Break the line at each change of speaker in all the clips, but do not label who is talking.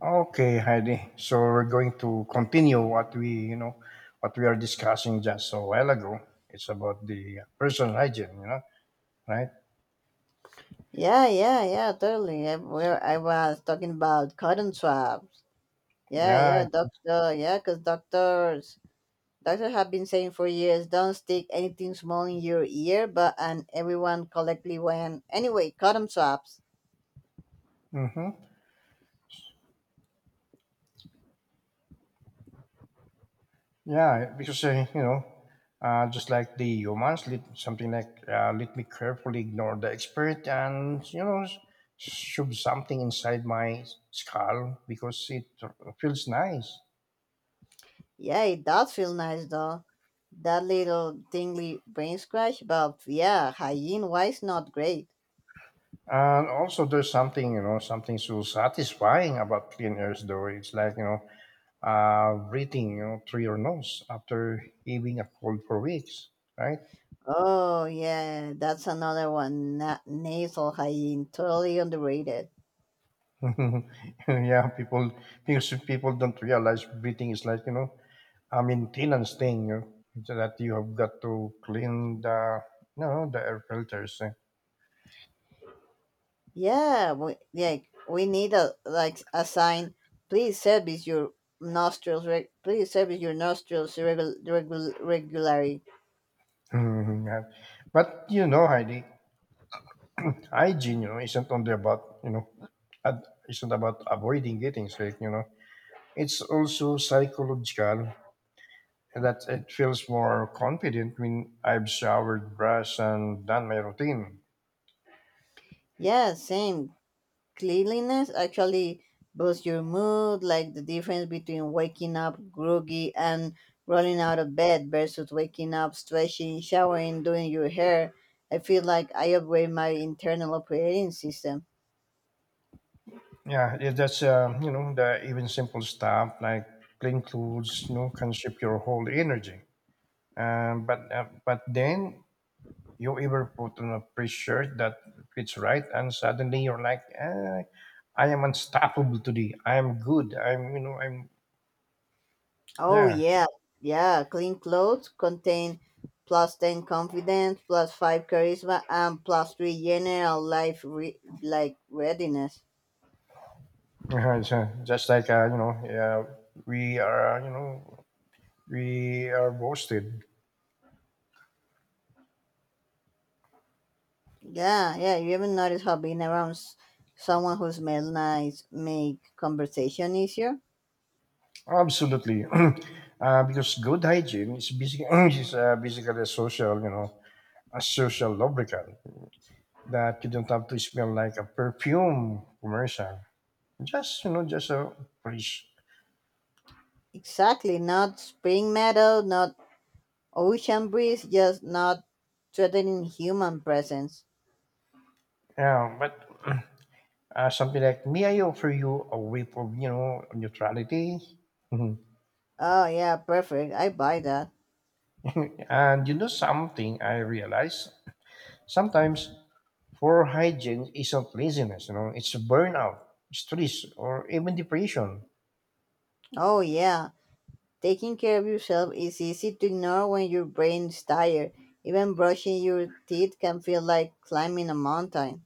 Okay, Heidi. So we're going to continue what we are discussing just a while ago. It's about the personal hygiene, right?
Yeah, yeah, yeah, totally. Where I was talking about cotton swabs. Yeah, yeah,
Yeah.
doctor. Yeah, because doctors have been saying for years, don't stick anything small in your ear. But and everyone collectively went anyway. Cotton swabs.
Mm-hmm. Yeah, because just like the humans, something like let me carefully ignore the expert and shove something inside my skull because it feels nice.
Yeah, it does feel nice though. That little tingly brain scratch, but yeah, hygiene wise, not great.
And also, there's something so satisfying about clean air, though. It's like breathing through your nose after having a cold for weeks, right?
Oh yeah, that's another one. Nasal hygiene, totally underrated.
yeah, people because people don't realize breathing is like a maintenance thing, so that you have got to clean the air filters. eh.
Yeah, we need a sign. Please service your nostrils. Please service your nostrils regularly.
Mhm. Yeah. But you know, Heidi, hygiene isn't only about isn't about avoiding getting sick. You know, it's also psychological that it feels more confident when I've showered, brushed, and done my routine.
Yeah, same. Cleanliness actually boosts your mood. Like the difference between waking up groggy and rolling out of bed versus waking up, stretching, showering, doing your hair. I feel like I upgrade my internal operating system.
Yeah, that's you know the even simple stuff like clean clothes, you know, can shift your whole energy. But then you ever put on a pretty shirt that fits right, and suddenly you're like, eh, I am unstoppable today. I am good. I'm you know I'm
Oh
yeah.
yeah, yeah. Clean clothes contain plus ten confidence, plus five charisma, and plus three general life readiness.
Uh-huh, it's, just like you know, yeah, we are we are boasted.
Yeah, yeah. You ever not noticed how being around someone who smells nice make conversation easier.
Absolutely. Because good hygiene is basically, basically a social, you know, a social lubricant that you don't have to smell like a perfume commercial. Just, you know, just a fresh.
Exactly. Not spring meadow, not ocean breeze, just not threatening human presence.
Yeah, but something like, may I offer you a whip of, you know, neutrality? Mhm.
Oh yeah, perfect. I buy that.
And you know something I realize sometimes poor hygiene isn't laziness, you know, it's burnout, stress, or even depression.
Oh yeah. Taking care of yourself is easy to ignore when your brain is tired. Even brushing your teeth can feel like climbing a mountain.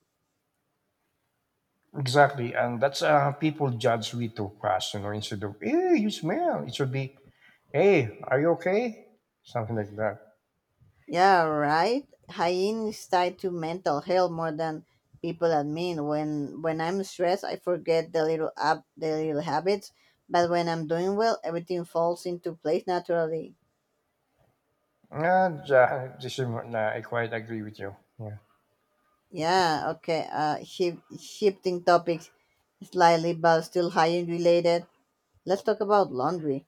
Exactly, and that's people judge with too fast, you know. Instead of "Hey, you smell," it should be "Hey, are you okay?" Something like that.
Yeah, right. Hygiene is tied to mental health more than people admit. When I'm stressed, I forget the little habits, but when I'm doing well, everything falls into place naturally.
And this is, nah, I quite agree with you. Yeah,
Yeah. Okay. Shifting topics slightly, but still hygiene related. Let's talk about laundry.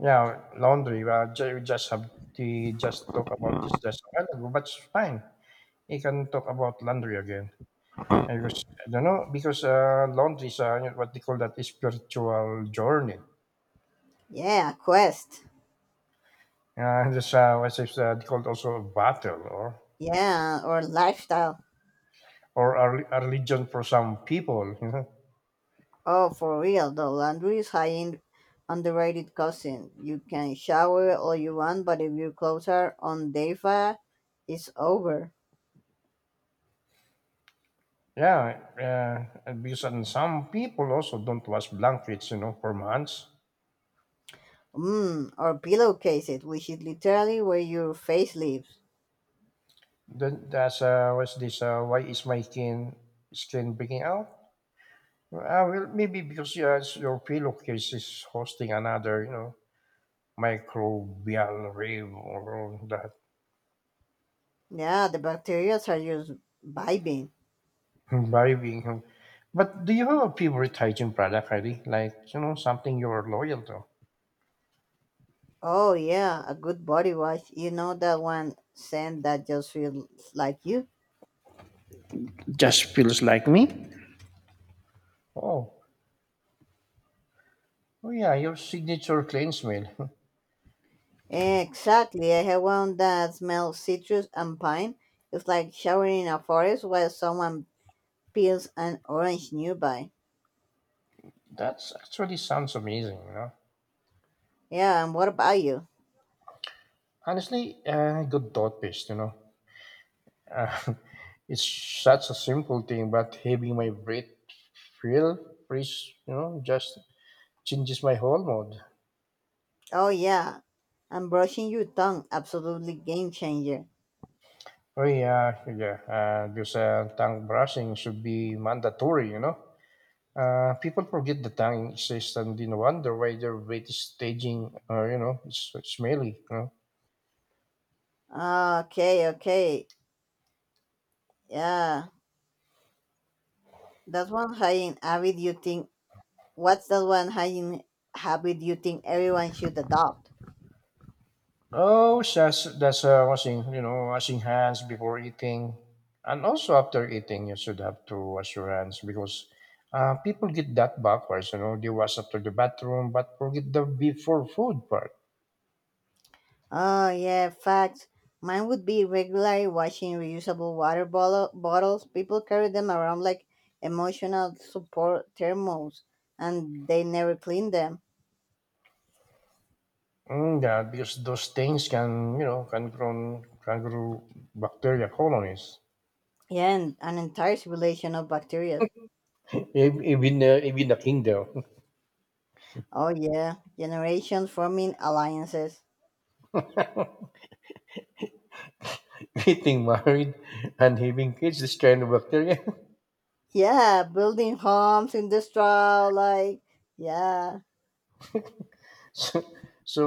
yeah. Laundry. Well, we just have to just talk about this just a while ago, but it's fine. You can talk about laundry again. And because I don't know because laundry is what they call that is spiritual journey.
Yeah, Quest.
This what is called also a battle
Yeah, or lifestyle.
or a religion for some people, you know.
Oh, for real, the laundry is high in underrated cousin. You can shower all you want, but if your clothes are on Deva, it's over.
Yeah, and because and some people also don't wash blankets, you know, for months.
Mmm, or pillowcases, which is literally where your face lives.
Then that's what's this? Why is my skin breaking out? Well, maybe because yes, your pillowcase is hosting another, you know, microbial rave or all that
Yeah, the bacteria are just vibing.
vibing. But do you have a favorite hygiene product, Heidi? Like you know, something you're loyal to?
Oh yeah, a good body wash. You know that one scent that just feels like you?
Just feels like me. Oh, oh yeah, your signature cleanse meal.
Exactly. I have one that smells citrus and pine. It's like showering in a forest while someone peels an orange nearby.
That's actually sounds amazing, you know.
Yeah, and what about you?
Honestly, good toothpaste, you know. Uh, it's such a simple thing, but having my breath feel fresh, you know, just changes my whole mood.
Oh, yeah. And brushing your tongue. Absolutely game changer.
Oh yeah, yeah. This tongue brushing should be mandatory, you know. People forget the tongue exists and then wonder why their breath is staging, you know, it's smelly, you know.
Okay, okay. Yeah. That's one hygiene habit you think. What's that one hygiene habit you think everyone should adopt?
Oh, that's washing washing hands before eating, and also after eating you should have to wash your hands because people get that backwards. You know they wash after the bathroom but forget the before food part.
Oh, yeah, facts. Mine would be regularly watching reusable water bottles. People carry them around like emotional support thermos and they never clean them.
Mm, yeah, because those things can you know can grow bacteria colonies.
Yeah, and an entire civilization of bacteria.
Even even the king though,
Oh, yeah, generations forming alliances.
getting married and having kids, this kind of bacteria.
Yeah, building homes, in the straw. Like, yeah,
so. So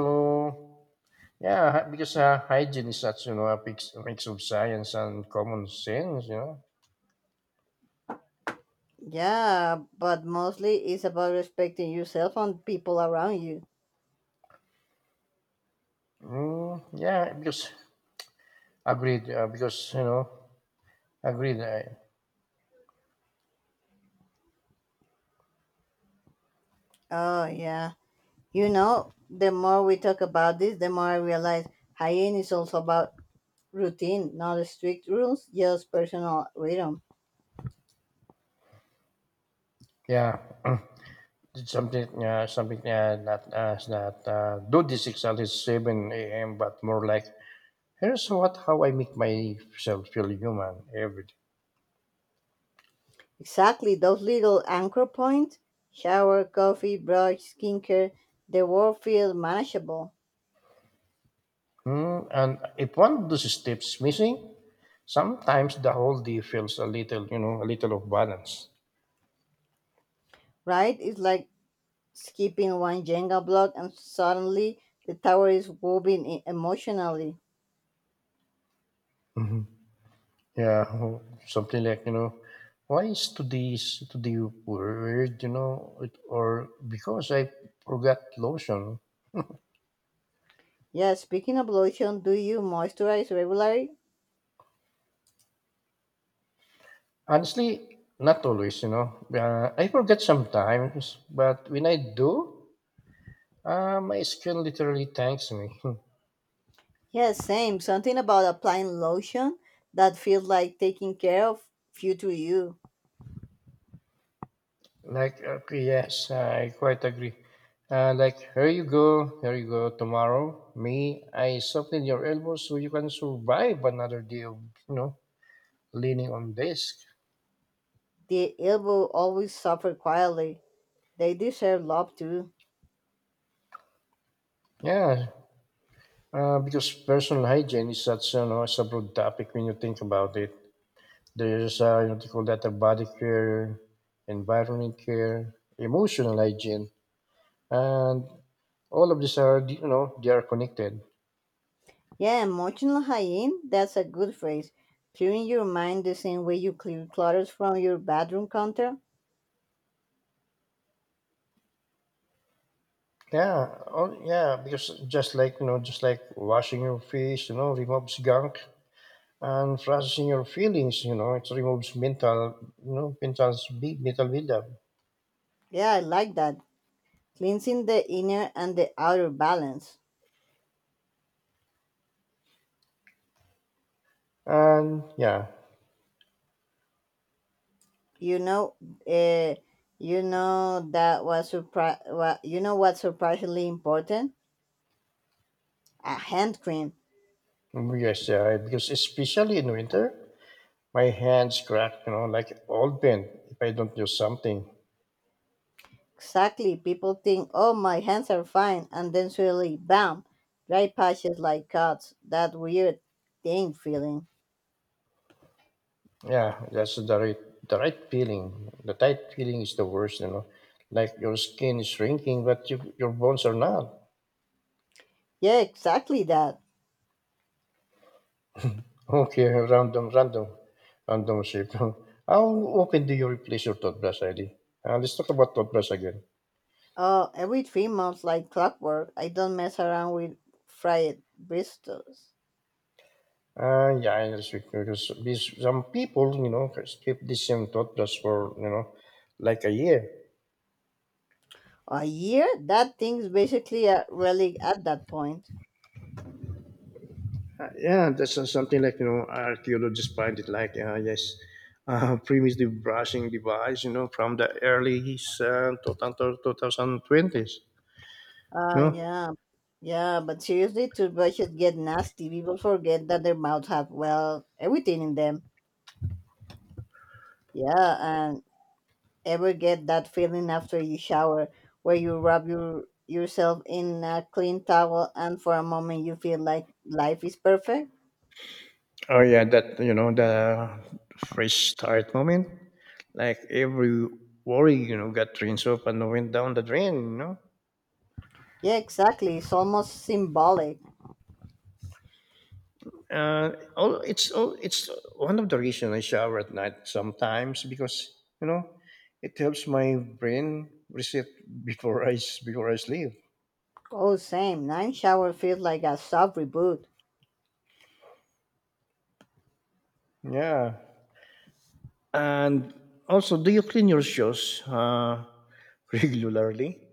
yeah, because hygiene is such you know a mix of science and common sense. You know.
yeah, but mostly it's about respecting yourself and people around you.
Mm, yeah, because agreed. Because you know agreed.
Oh, yeah. You know, the more we talk about this, the more I realize hygiene is also about routine, not strict rules, just personal rhythm.
Yeah, it's something that do this exactly seven a.m. But more like here's what how I make myself feel human every day.
Exactly, those little anchor points, shower, coffee, brush, skincare, the world feels manageable,
Mm, and if one of those steps missing, sometimes the whole day feels a little you know a little of balance.
right? It's like skipping one Jenga block and suddenly the tower is wobbling emotionally.
Yeah, oh, something like, you know, why is today weird, you know, it, or because I forgot lotion.
Yeah, speaking of lotion, do you moisturize regularly?
Honestly, not always, you know. I forget sometimes, but when I do, my skin literally thanks me.
Yeah, same. Something about applying lotion that feels like taking care of future you.
like, okay, yes, I quite agree. Like, here you go, tomorrow. Me, I soften your elbow so you can survive another day of, you know, leaning on desk.
The elbow always suffer quietly. They deserve love too.
Yeah, because personal hygiene is such you know, it's a broad topic when you think about it. There's you know, they call that a body care, environment care, emotional hygiene, and all of these are you know they are connected.
Yeah, emotional hygiene, that's a good phrase. Clearing your mind the same way you clear clutters from your bedroom counter.
Yeah, all, yeah, because just like you know, just like washing your face, you know, removes gunk and processing your feelings, you know, it removes mental, you know, mental big mental buildup.
Yeah, I like that. Cleansing the inner and the outer balance.
And yeah,
You know, uh, you know that was surpri- wa- you know what's surprisingly important? A hand cream.
yes, yeah, because especially in winter. My hands crack, you know, like old paint if I don't do something.
Exactly. People think, oh, my hands are fine, and then suddenly, bam, dry patches like cuts. That weird thing feeling.
Yeah, that's the right feeling. The tight feeling is the worst, you know. Like your skin is shrinking, but your bones are not.
Yeah, exactly that.
Okay, random shape. How often do you replace your toothbrush, Eddie? Let's talk about toothbrush again.
Oh, every three months, like clockwork, I don't mess around with fried bristles.
Yeah, I understand because these, some people, you know, keep the same toothbrush for, you know, like a year.
A year? That thing's basically a relic at that point.
Yeah, that's something like you know archaeologists find it like yes, primitive brushing device you know from the early 2020s.
Ah,
No,
yeah. Yeah, but seriously, toothbrushes get nasty. People forget that their mouths have, well, everything in them. Yeah, ever get that feeling after you shower where you rub yourself in a clean towel and for a moment you feel like life is perfect?
oh yeah, that you know the fresh start moment. Like every worry you know got rinsed off and went down the drain. You know,
Yeah, exactly. It's almost symbolic.
it's one of the reasons I shower at night sometimes because you know it helps my brain reset before I sleep.
Oh, same. Nine shower feels like a soft reboot.
Yeah. And also, do you clean your shoes regularly?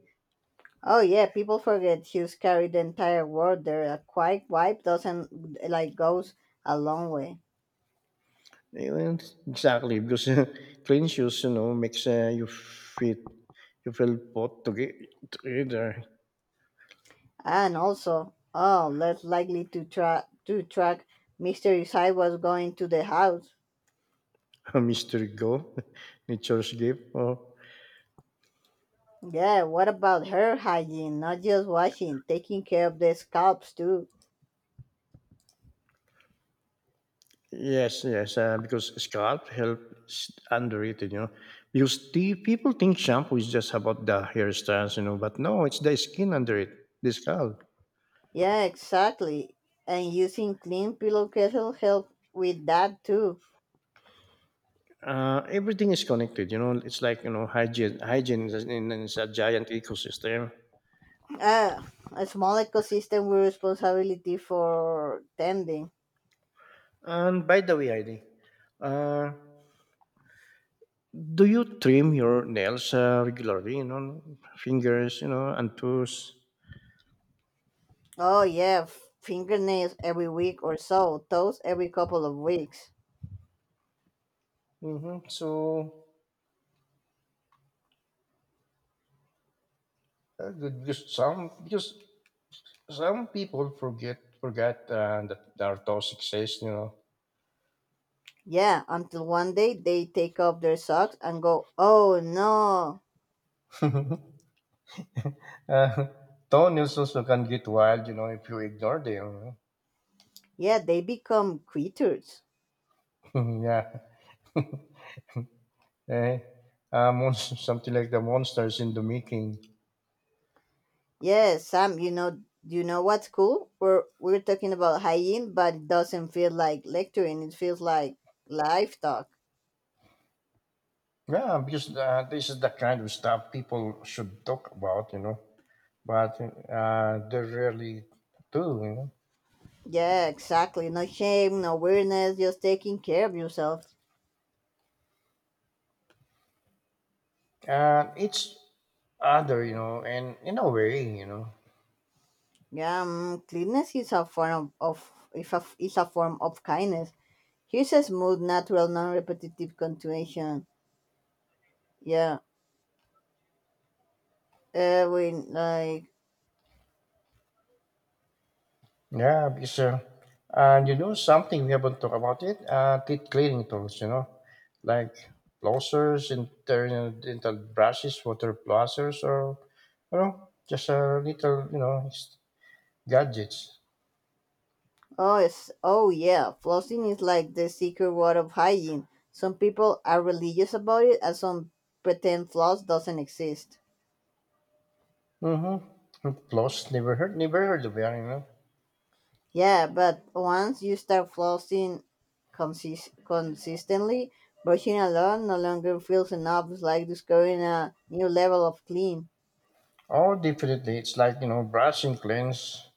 Oh yeah, people forget shoes carry the entire world there. A quick wipe doesn't like goes a long way.
Even- exactly, because clean shoes, you know, makes you feel put together.
And also, oh, less likely to track mystery side was going to the house.
A mystery go, nature's gift. Oh,
Yeah, what about hair hygiene? Not just washing, taking care of the scalps too.
yes, yes, because scalp help is underrated, you know. Because the people think shampoo is just about the hairstyles, you know, but no, it's the skin under it, the scalp.
Yeah, exactly. And using clean pillowcases help with that too.
Everything is connected. You know, it's like you know hygiene. Hygiene is a giant ecosystem.
Uh, a small ecosystem with responsibility for tending.
And by the way, Heidi, uh, do you trim your nails regularly? You know, fingers, you know, and toes.
Oh yeah, fingernails every week or so, toes every couple of weeks.
Mm-hmm. So good, because some people forget that their toes exist. You
Yeah, until one day they take off their socks and go, oh no.
know, uh, toenails also can get wild. You know, if you ignore them. You
Yeah, they become quitters.
know. yeah. Eh, something like the monsters in the making.
Yes, Sam, you know what's cool? We're talking about hygiene, but it doesn't feel like lecturing. It feels like live talk.
Yeah, because this is the kind of stuff people should talk about, you know, but they rarely do, you know.
Yeah, exactly. No shame, no weirdness, just taking care of yourself.
And it's other, you know, and in a way, you know.
Yeah, mm, cleanness is a form of if a, is a form of kindness. Here's a smooth, natural, non-repetitive continuation. Yeah, we like.
Yeah, because, and you know something we haven't talked about it, teeth cleaning tools, you know, like flossers, internal dental brushes, water flossers, or, you know, just a little, you know, gadgets.
Oh, oh yeah, flossing is like the secret word of hygiene. Some people are religious about it, and some pretend floss doesn't exist.
Mm-hmm. Plus, never heard of it. You know.
Yeah, but once you start flossing consistently, brushing alone no longer feels enough. It's like discovering a new level of clean.
Oh, definitely. It's like you know, brushing cleans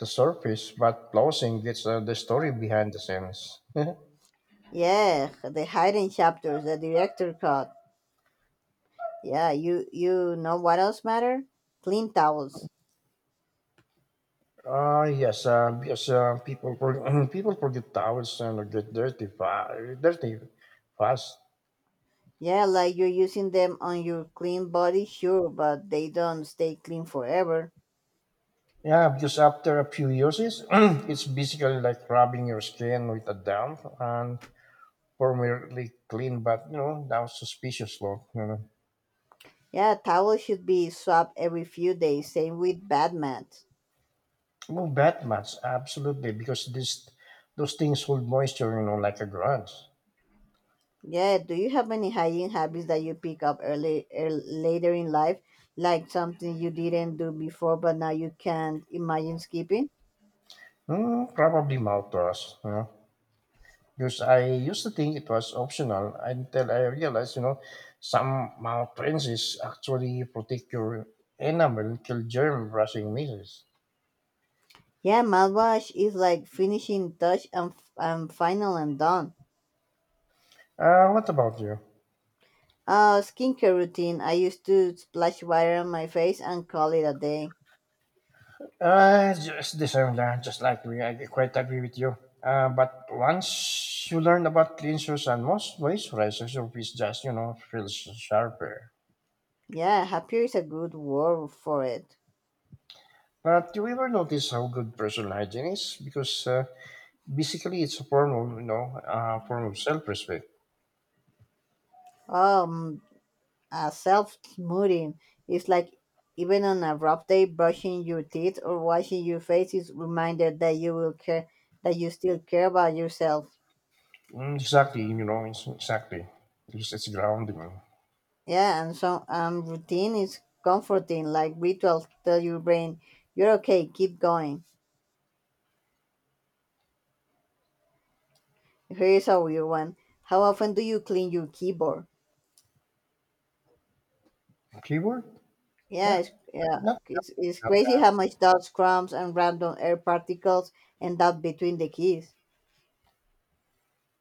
the surface, but flossing gets the story behind the scenes.
Yeah, the hidden chapters, the director cut. Yeah, you know what else matter? Clean towels.
Ah, yes. People forget towels and they get dirty fast.
Yeah, like you're using them on your clean body, sure, but they don't stay clean forever.
Yeah, because after a few uses, it's basically like rubbing your skin with a damp and formerly clean, but you know, now suspicious look. You know.
Yeah, towels should be swapped every few days, same with bad mats.
Oh, bat mats, absolutely, because this those things hold moisture, you know, like a grudge.
Yeah, do you have any hygiene habits that you pick up early, later in life, like something you didn't do before but now you can't imagine skipping?
Mm, probably mouthwash, you know, because I used to think it was optional until I realized, you know, some mouth rinses actually protect your enamel and kill germ brushing misses.
Yeah, mouthwash is like finishing touch and, and final and done.
What about you?
Skincare routine. I used to splash water on my face and call it a day.
Just the same, lah, just like we, I quite agree with you. But once you learn about cleansers and most moisturizers, your face just, you know, feels sharper.
Yeah, happier is a good word for it.
But do you ever notice how good personal hygiene is? Because basically, it's a form of you know a form of self-respect.
Um, a self smoothing is like even on a rough day, brushing your teeth or washing your face is reminder that you will care, that you still care about yourself.
Mm, exactly, you know, it's, exactly. Because it's grounding.
Yeah, and so routine is comforting, like rituals tell your brain you're okay, keep going. Here is a weird one. How often do you clean your keyboard?
Keyword?
Yeah,
Yeah,
it's, yeah,
not,
it's
not
crazy
bad.
how much dust, crumbs, and random air particles end up between the keys.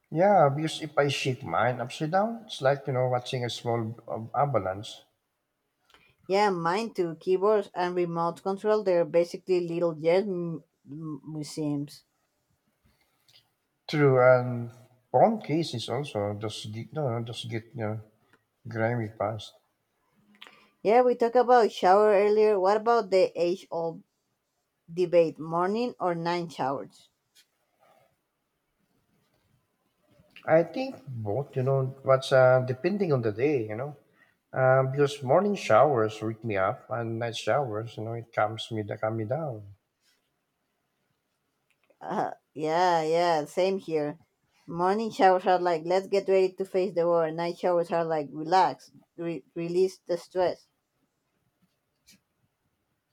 Yeah, because if I shake mine upside down, it's like you know watching a small avalanche.
Yeah, mine too. Keyboards and remote control, they're basically little museums.
True, and phone cases also just get no, no, just get you know grimy fast.
Yeah, we talked about shower earlier. What about the age old debate, morning or night showers?
I think both, you know, what's depending on the day, you know. Because morning showers wake me up, and night showers, you know, it calm me down.
Yeah, same here. Morning showers are like, let's get ready to face the world. Night showers are like, relax, release the stress.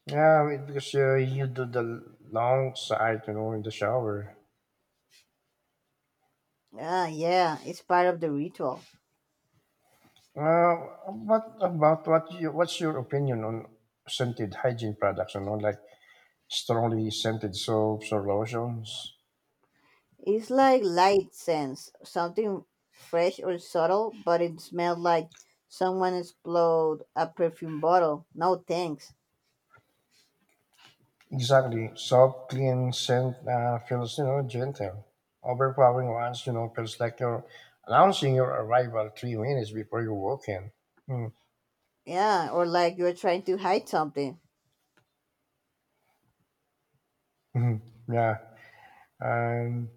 Yeah, because you do the long side, you know, in the shower.
Ah, yeah, it's part of the ritual.
Uh, what about what? You, what's your opinion on scented hygiene products? You know, like strongly scented soaps or lotions.
It's like light sense, something fresh or subtle, but it smelled like someone exploded a perfume bottle. No thanks.
Exactly, soft, clean scent feels, you know, gentle. Overpowering ones, you know, feels like you're announcing your arrival 3 minutes before you walk in. Mm,
Yeah, or like you're trying to hide something.
mhm, Yeah. And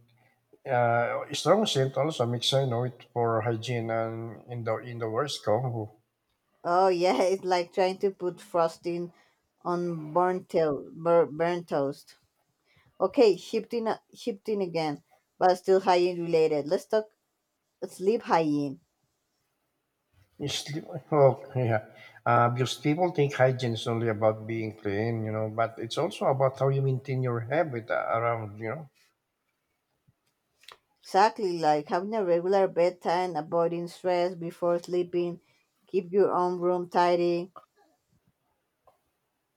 strong scent also makes I know it for hygiene and in the worst go
Oh yeah, it's like trying to put frosting on burnt toast. Okay, shifting again, but still hygiene related. Let's talk sleep hygiene.
is. Oh, yeah, because people think hygiene is only about being clean, you know, but it's also about how you maintain your habit around, you know.
Exactly, like having a regular bedtime, avoiding stress before sleeping, keep your own room tidy.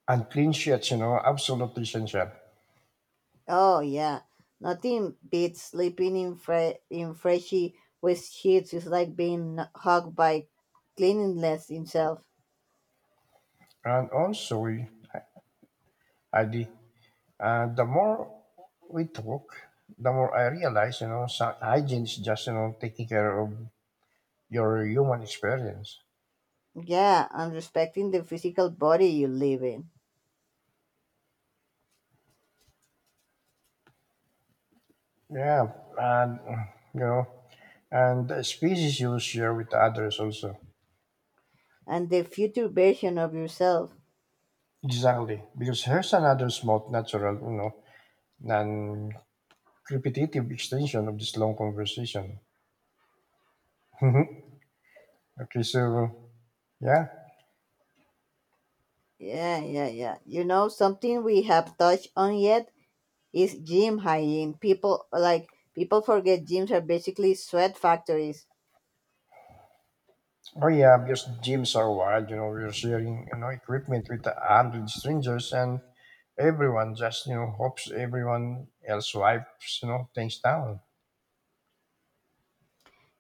And clean sheets, you know, absolutely essential.
Oh yeah, nothing beats sleeping in freshy wet sheets. It's like being hugged by cleanliness himself.
And also ID, the more we talk the more I realize, you know, so hygiene is just, you know, taking care of your human experience.
Yeah, and respecting the physical body you live in
Yeah, and you know, and the species you share with others also.
and the future version of yourself.
Exactly, because here's another small, natural, you know, and repetitive extension of this long conversation. Okay, so yeah,
Yeah, yeah, yeah. You know, something we have touched on yet is gym hygiene. People forget gyms are basically sweat factories.
oh yeah, because gyms are wild. You know, we're sharing, you know, equipment with a hundred strangers, and everyone just, you know, hopes everyone else wipes, you know, things down.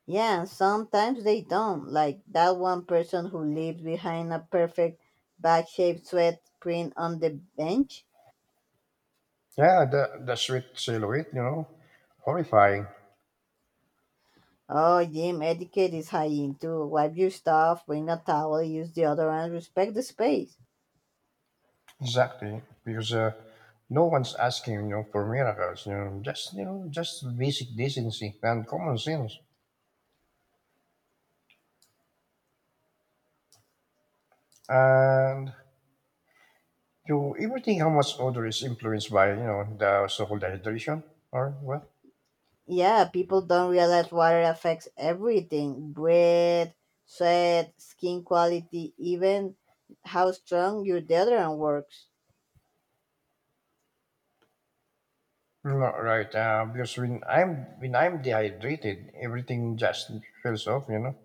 Yeah, sometimes they don't. Like that one person who leaves behind a perfect bag shaped sweat print on the bench.
Yeah, the sweet silhouette, you know, horrifying.
Oh, gym etiquette is high into. Wipe your stuff, bring a towel, use deodorant, respect the space.
Exactly, because no one's asking, you know, for miracles. You know, just, you know, just basic decency and common sense. And you ever think how much odor is influenced by, you know, the so-called dehydration or what?
Yeah, people don't realize water affects everything, breath, sweat, skin quality, even how strong your deodorant works.
Not right, because when I'm dehydrated, everything just feels off. You know,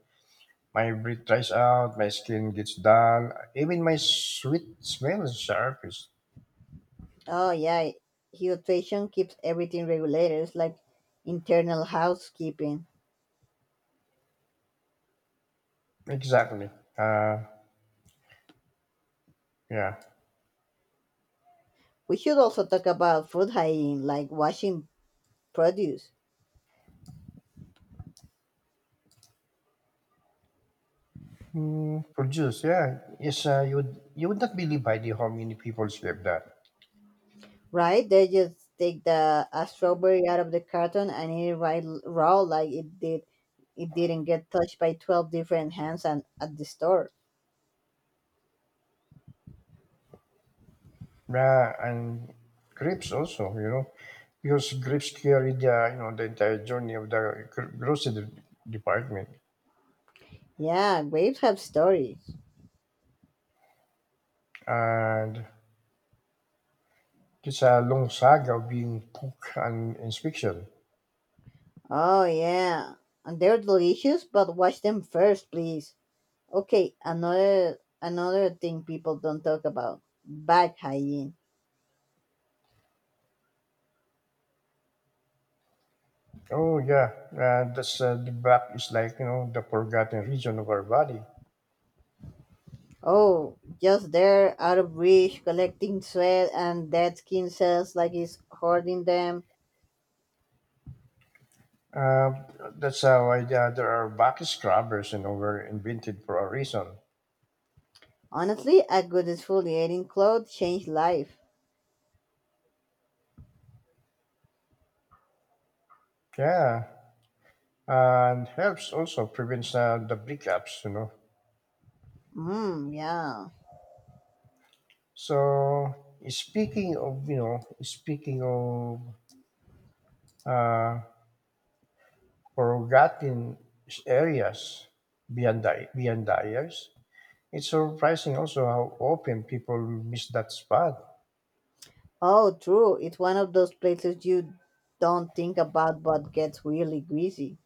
my breath dries out, my skin gets dull, even my sweet smell sharp is
Oh, yeah, hydration keeps everything regulated. It's like internal housekeeping.
exactly. Uh, yeah.
We should also talk about food hygiene, like washing produce,
Mm, produce, yeah. Yes, you would not believe by the how many people sleep that.
right? They just take the a strawberry out of the carton and eat it right raw, like it did. It didn't get touched by 12 different hands and at the store.
And grapes also, you know, because grapes carry the, you know, the entire journey of the grocery department,
Yeah, grapes have stories.
and it's a long saga of being cooked and inspection.
Oh yeah, and they're delicious, but wash them first, please. Okay, another thing people don't talk about: bag hygiene.
Oh yeah, that's the back is like, you know, the forgotten region of our body.
Oh, just there out of reach, collecting sweat and dead skin cells like he's hoarding them.
Uh, that's how I, why the, there are back scrubbers, you know, were invented for a reason.
Honestly, a good exfoliating cloth changed life.
Yeah, and helps also prevents the breakups, you know.
Mmm, yeah.
So speaking of, you know, speaking of uh, forgotten areas beyond the years, it's surprising also how often people miss that spot.
Oh, true. It's one of those places you don't think about but gets really greasy.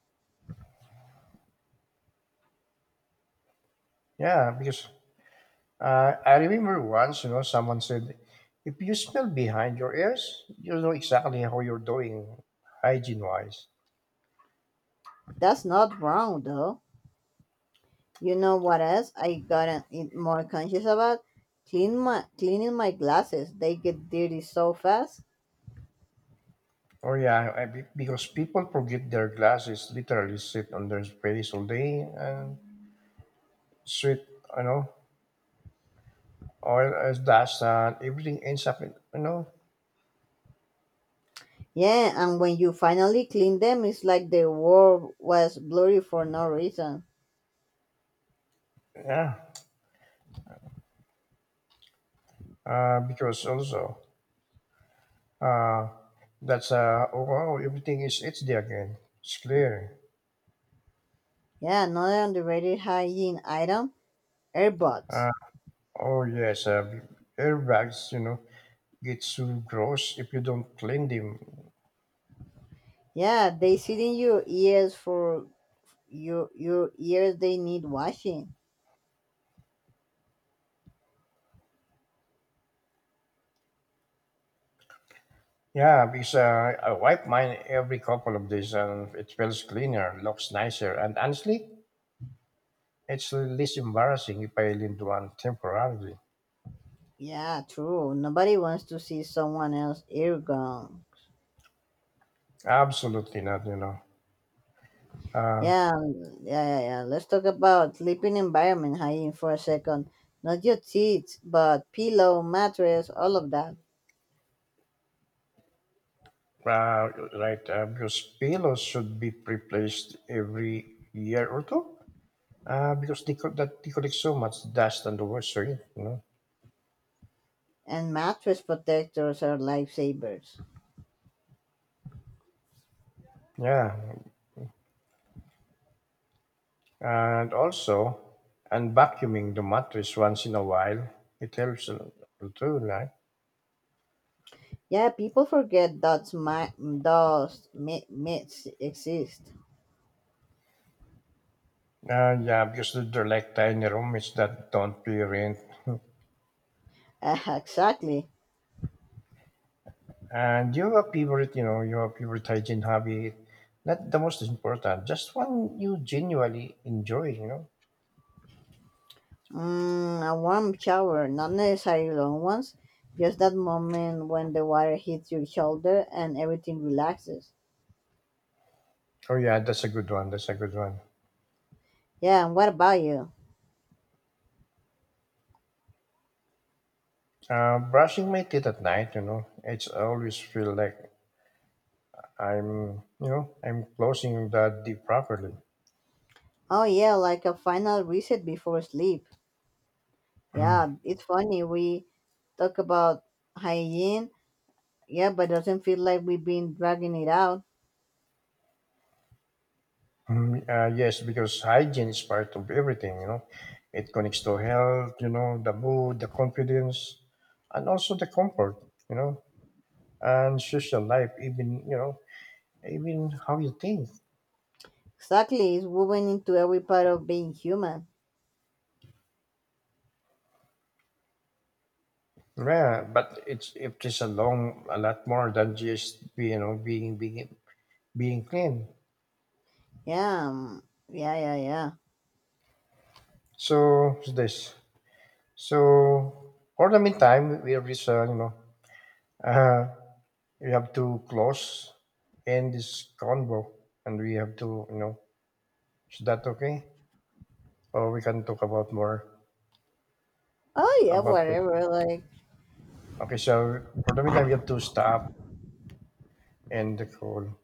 Yeah, because I remember once, you know, someone said if you smell behind your ears, you know exactly how you're doing hygiene wise.
That's not wrong, though. You know what else I gotten it more conscious about? Cleaning my glasses. They get dirty so fast.
Oh yeah, I, because people forget their glasses literally sit on their face all day and sweat, you know, oil as dust and everything ends up, in, you know,
Yeah, and when you finally clean them, it's like the world was blurry for no reason.
yeah. Because also, uh, that's oh wow, everything is it's there again. It's clear.
Yeah, another underrated hygiene item: earbuds.
Uh, oh yes, airbags, you know, get so gross if you don't clean them.
Yeah, they sit in your ears. They need washing.
Yeah, because I wipe mine every couple of days and it feels cleaner, looks nicer, and honestly. It's embarrassing if I lead one temporarily.
Yeah, true. Nobody wants to see someone else ear gone.
Absolutely not, you know.
Yeah, yeah, yeah, yeah. Let's talk about sleeping environment hygiene for a second. Not your teeth, but pillow, mattress, all of that.
Right, because pillows should be replaced every year or two, because they, that, they collect so much dust and the worst, you know.
And mattress protectors are lifesavers.
Yeah, and also, and vacuuming the mattress once in a while, it helps a lot too, right?
Yeah, people forget that's my those myths exist.
Yeah, because they're like tiny rooms that don't pay rent.
Exactly.
And you have a favorite, you know, you have favorite hygiene hobby, not the most important, just one you genuinely enjoy, you know.
Mm, a warm shower, not necessarily long ones, just that moment when the water hits your shoulder and everything relaxes.
Oh yeah, that's a good one. That's a good one.
Yeah, and what about you?
Brushing my teeth at night, you know, it's always feel like I'm, you know, I'm closing the deep properly.
Oh yeah, like a final reset before sleep. Yeah, it's funny we talk about hygiene. Yeah, but doesn't feel like we've been dragging it out.
Mm, yes, because hygiene is part of everything, you know. It connects to health, you know, the mood, the confidence, and also the comfort, you know, and social life, even, you know, even how you think.
Exactly, it's woven into every part of being human.
Yeah, but it's it is a long, a lot more than just, you know, being being clean.
Yeah, yeah, yeah, yeah.
So it's this. So for the meantime, we have this. You know, uh, we have to close end this convo, and we have to you know. Is that okay? Or we can talk about more
Oh yeah,
about.
whatever. Like,
Okay, so for the meantime, we have to stop and the call.